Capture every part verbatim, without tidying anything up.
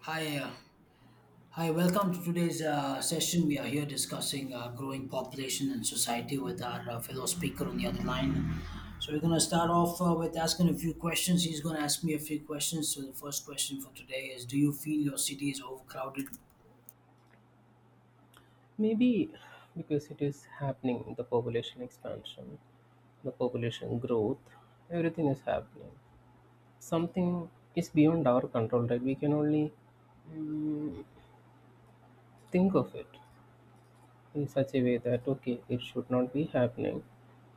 Hi, uh, hi. Welcome to today's uh, session. We are here discussing uh, growing population and society with our uh, fellow speaker on the other line. So we're going to start off uh, with asking a few questions. He's going to ask me a few questions. So the first question for today is: Do you feel your city is overcrowded? Maybe because it is happening, the population expansion, the population growth, everything is happening. Something is beyond our control, right? We can only mm, think of it in such a way that, okay, it should not be happening,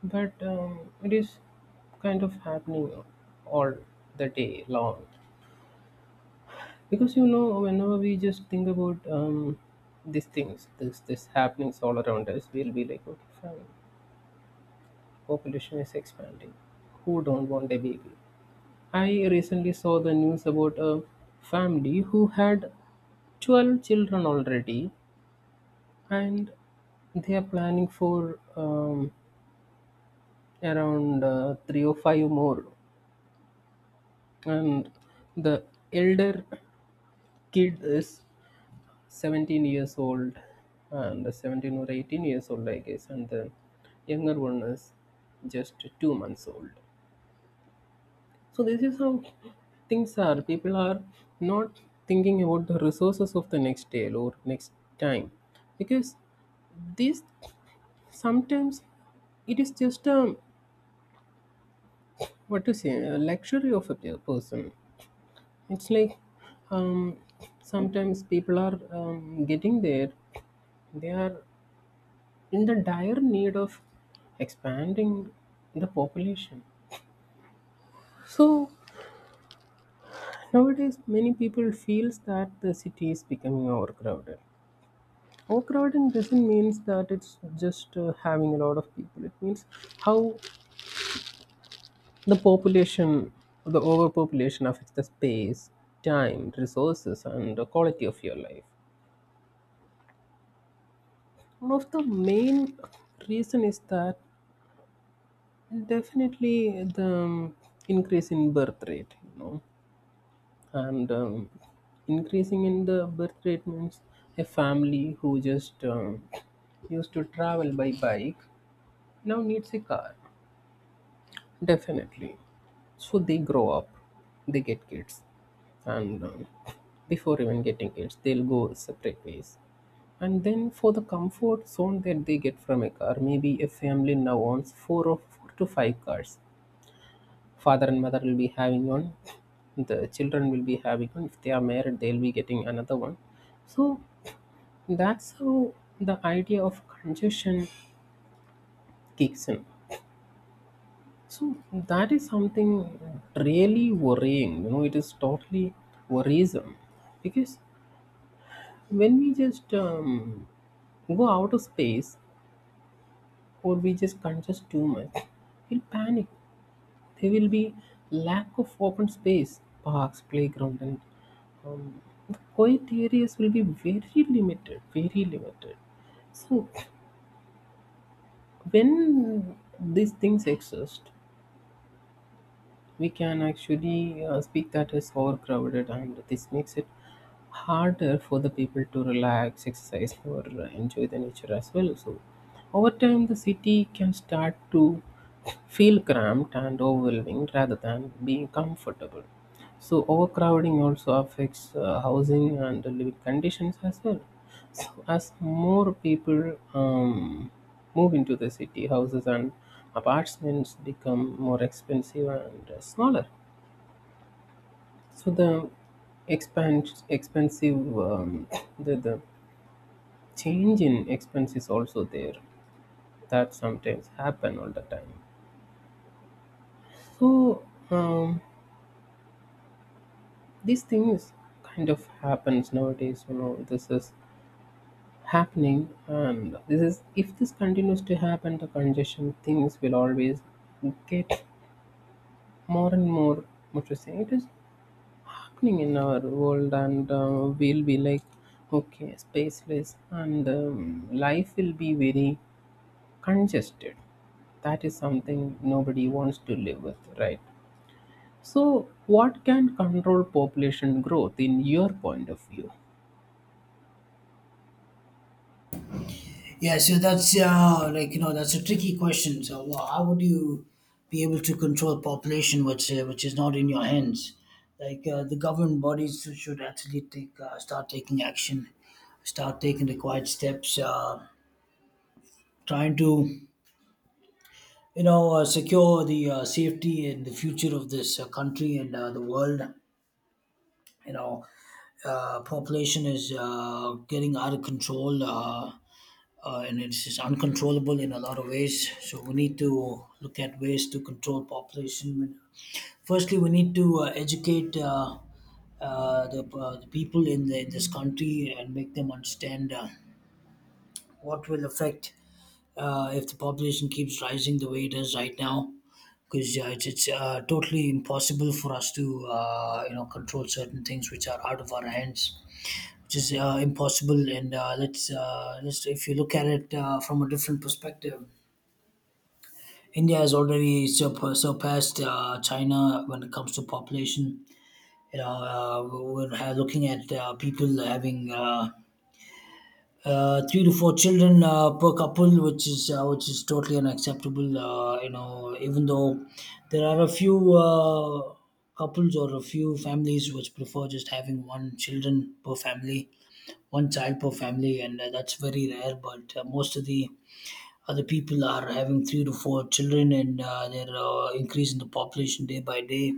but um, it is kind of happening all the day long. Because you know, whenever we just think about um, these things, this this happenings all around us, we'll be like, okay, fine population is expanding. Who don't want a baby? I recently saw the news about a family who had twelve children already and they are planning for um, around uh, three or five more. And the elder kid is seventeen years old and seventeen or eighteen years old, I guess, and the younger one is just two months old. So this is how things are. People are not thinking about the resources of the next day or next time, because this sometimes it is just a what to say a luxury of a pe- person. It's like um, sometimes people are um, getting there. They are in the dire need of expanding the population. So nowadays, many people feels that the city is becoming overcrowded. Overcrowding doesn't mean that it's just uh, having a lot of people. It means how the population, the overpopulation affects the space, time, resources, and the quality of your life. One of the main reason is that definitely the um, increase in birth rate, you know, and um, increasing in the birth rate means a family who just um, used to travel by bike now needs a car. Definitely. So they grow up, they get kids, and um, before even getting kids, they'll go separate ways. And then for the comfort zone that they get from a car, maybe a family now owns four or four to five cars. Father and mother will be having one, the children will be having one. If they are married, they'll be getting another one. So that's how the idea of congestion kicks in. So that is something really worrying. You know, it is totally worrisome because when we just um, go out of space or we just congest too much, we'll panic. There will be lack of open space, parks, playground, and um, the quiet areas will be very limited. Very limited. So when these things exist, we can actually uh, speak that is overcrowded, and this makes it harder for the people to relax, exercise, or uh, enjoy the nature as well. So over time the city can start to feel cramped and overwhelming rather than being comfortable. So overcrowding also affects uh, housing and living conditions as well. So as more people um, move into the city, houses and apartments become more expensive and uh, smaller. So the expans expensive um, the, the change in expense is also there. That sometimes happen all the time. So um, these things kind of happens nowadays. You know, this is happening, and this is, if this continues to happen, the congestion things will always get more and more. What to say, it is happening in our world, and uh, we'll be like, okay, spaceless, and um, life will be very congested. That is something nobody wants to live with, right? So what can control population growth in your point of view? Yeah, so that's uh, like you know that's a tricky question. So wha- how would you be able to control population, which uh, which is not in your hands? Like uh, the government bodies should actually take uh, start taking action, start taking required steps, uh, trying to you know uh, secure the uh, safety and the future of this uh, country and uh, the world. You know uh, population is uh, getting out of control, uh, uh, and it's just uncontrollable in a lot of ways, so we need to look at ways to control population. Firstly, we need to uh, educate uh, uh, the, uh, the people in, the, in this country and make them understand uh, what will affect uh, if the population keeps rising the way it is right now. Because uh, it's, it's uh, totally impossible for us to uh, you know control certain things which are out of our hands, which is uh, impossible. And uh, let's uh, let's, if you look at it uh, from a different perspective, India has already sur surpassed uh, China when it comes to population, you know. uh, we're ha- looking at uh, people having uh, uh, three to four children uh, per couple, which is uh, which is totally unacceptable. Uh, you know, even though there are a few uh, couples or a few families which prefer just having one children per family, one child per family, and uh, that's very rare. But uh, most of the other people are having three to four children, and uh, they're uh, increasing the population day by day.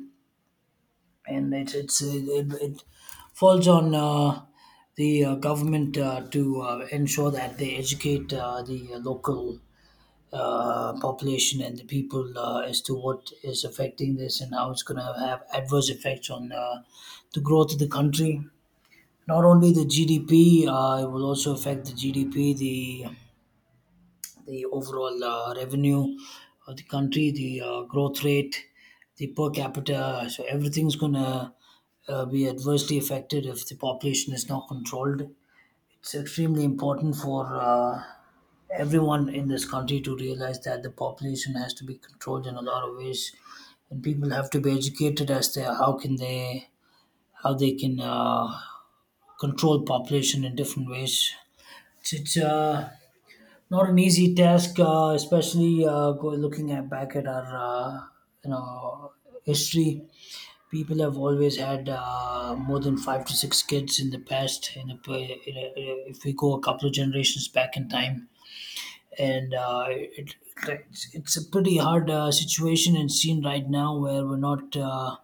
And it's it's uh, it, it falls on uh, the uh, government uh, to uh, ensure that they educate uh, the local uh, population and the people uh, as to what is affecting this and how it's going to have adverse effects on uh, the growth of the country. Not only the G D P, uh, it will also affect the G D P, the the overall uh, revenue of the country, the uh, growth rate, the per capita. So everything's gonna uh, be adversely affected if the population is not controlled. It's extremely important for uh, everyone in this country to realize that the population has to be controlled in a lot of ways, and people have to be educated as to how can they how they can uh, control population in different ways. It's, it's uh, not an easy task, uh, especially uh, go looking at back at our uh, you know history. People have always had uh, more than five to six kids in the past. In a, in a, if we go a couple of generations back in time, and uh, it, it's, it's a pretty hard uh, situation and scene right now where we're not Uh,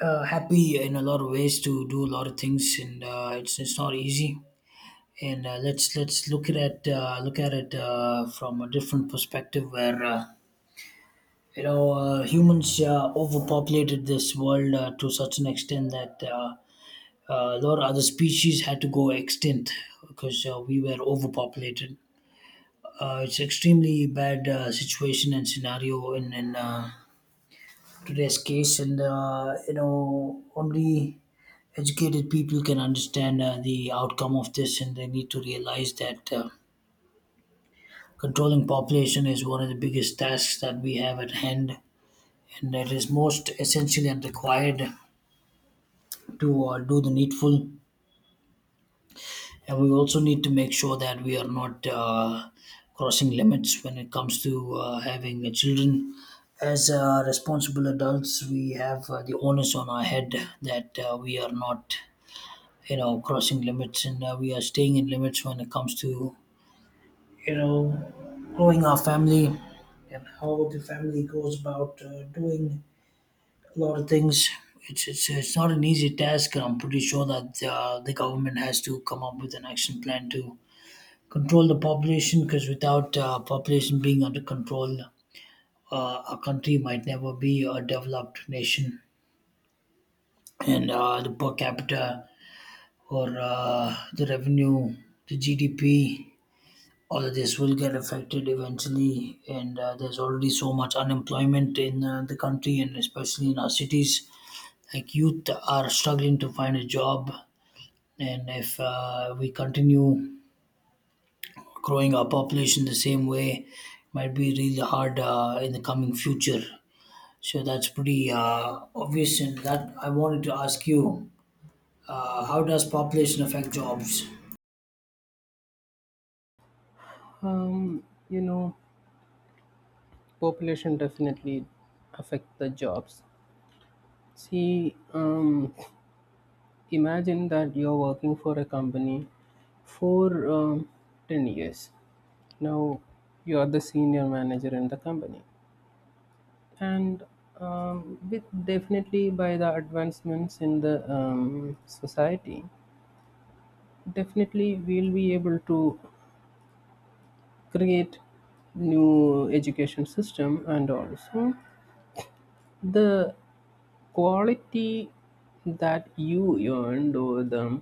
uh, happy in a lot of ways to do a lot of things, and uh, it's it's not easy. And uh, let's let's look at it, uh, look at it uh, from a different perspective where uh, you know uh, humans uh, overpopulated this world uh, to such an extent that uh, uh, a lot of other species had to go extinct because uh, we were overpopulated. Uh, it's extremely bad uh, situation and scenario in in uh, today's case, and uh, you know only educated people can understand uh, the outcome of this, and they need to realize that. Uh, Controlling population is one of the biggest tasks that we have at hand, and it is most essential and required to uh, do the needful. And we also need to make sure that we are not uh, crossing limits when it comes to uh, having uh, children. As uh, responsible adults, we have uh, the onus on our head that uh, we are not, you know, crossing limits, and uh, we are staying in limits when it comes to you know growing our family and how the family goes about uh, doing a lot of things. It's, it's, it's not an easy task, and I'm pretty sure that uh, the government has to come up with an action plan to control the population. Because without uh, population being under control, uh, a country might never be a developed nation. And uh, the per capita or uh, the revenue, the G D P, all of this will get affected eventually. And uh, there's already so much unemployment in uh, the country and especially in our cities, like youth are struggling to find a job. And if uh, we continue growing our population the same way, it might be really hard uh, in the coming future. So that's pretty uh, obvious, and that I wanted to ask you: uh, how does population affect jobs? um, you know, population definitely affect the jobs. See, um, imagine that you're working for a company for um, ten years. Now, you're the senior manager in the company. And um, with definitely by the advancements in the um, society, definitely we'll be able to create new education system, and also the quality that you earned, or the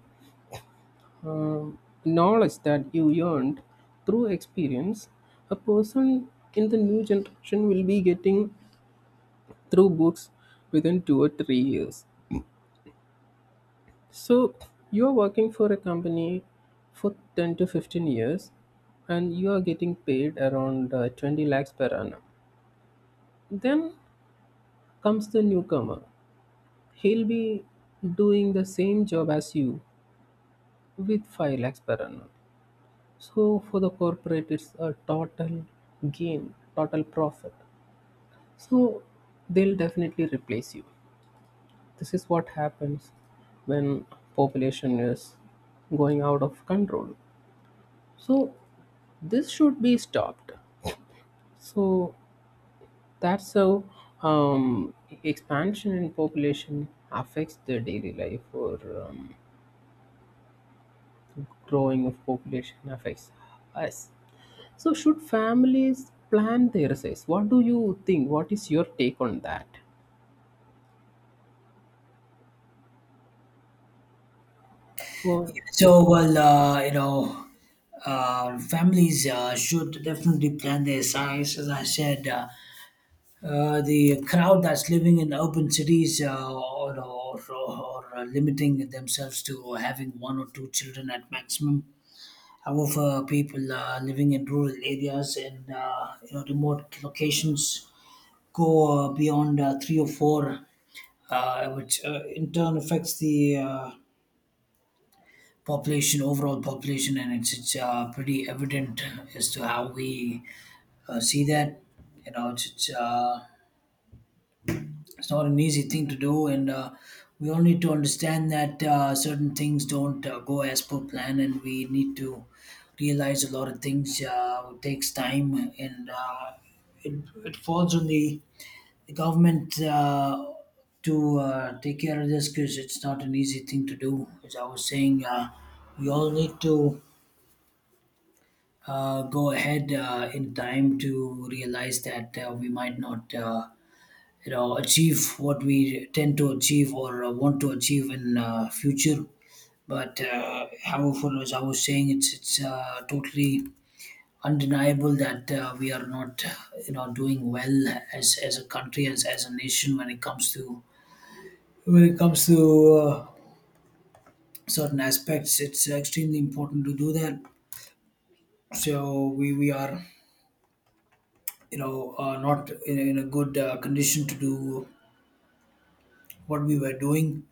um, knowledge that you earned through experience, a person in the new generation will be getting through books within two or three years. So you are working for a company for ten to fifteen years and you are getting paid around uh, twenty lakhs per annum. Then comes the newcomer. He'll be doing the same job as you with five lakhs per annum. So for the corporate, it's a total gain, total profit. So they'll definitely replace you. This is what happens when population is going out of control. So this should be stopped. So that's how um, expansion in population affects the daily life, or um, growing of population affects us. So, should families plan their size? What do you think? What is your take on that? Well, uh, So, well, uh, you know, uh, families uh, should definitely plan their size. As I said, uh, uh, the crowd that's living in urban cities uh, or, or, or, or limiting themselves to having one or two children at maximum. However, people uh, living in rural areas and uh, you know remote locations go uh, beyond uh, three or four, uh, which uh, in turn affects the uh, population, overall population, and it's it's uh, pretty evident as to how we uh, see that. You know, it's it's, uh, it's not an easy thing to do, and uh, we all need to understand that uh, certain things don't uh, go as per plan, and we need to realize a lot of things. Uh, it takes time, and uh, it it falls on the the government. Uh, to uh, take care of this because it's not an easy thing to do. As I was saying, uh, we all need to uh, go ahead uh, in time to realize that uh, we might not uh, you know achieve what we tend to achieve or uh, want to achieve in uh, future. But uh, however, as I was saying, it's it's uh, totally undeniable that uh, we are not you know doing well as as a country, as as a nation, when it comes to when it comes to uh, certain aspects. It's extremely important to do that. So we we are you know, uh, not in, in a good uh, condition to do what we were doing.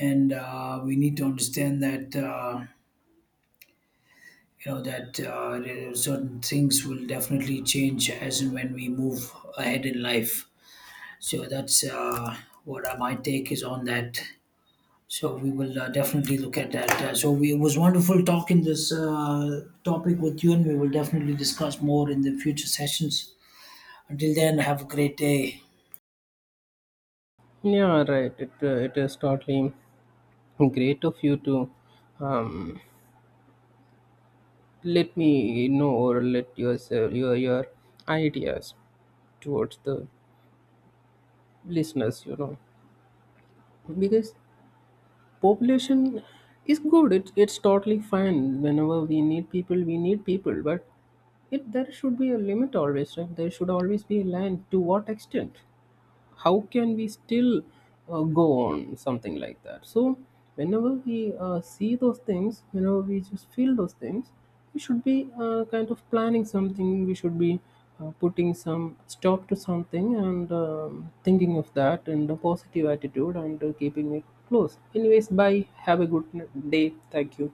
And uh, we need to understand that, uh, you know, that uh, there are certain things will definitely change as and when we move ahead in life. So that's uh, what uh, my take is on that. So we will uh, definitely look at that. Uh, so we, it was wonderful talking this uh, topic with you, and we will definitely discuss more in the future sessions. Until then, have a great day. yeah, right. It, uh, it is totally great of you to um, let me know, or let yourself, your, your ideas towards the listeners, you know, because population is good. It, it's totally fine. Whenever we need people, we need people, but it, there should be a limit always, right? There should always be a line to what extent, how can we still uh, go on something like that. So whenever we uh, see those things, whenever we just feel those things, we should be uh, kind of planning something. We should be uh, putting some stop to something, and um, thinking of that, and a positive attitude, and uh, keeping it close. Anyways, bye. Have a good n- day. Thank you.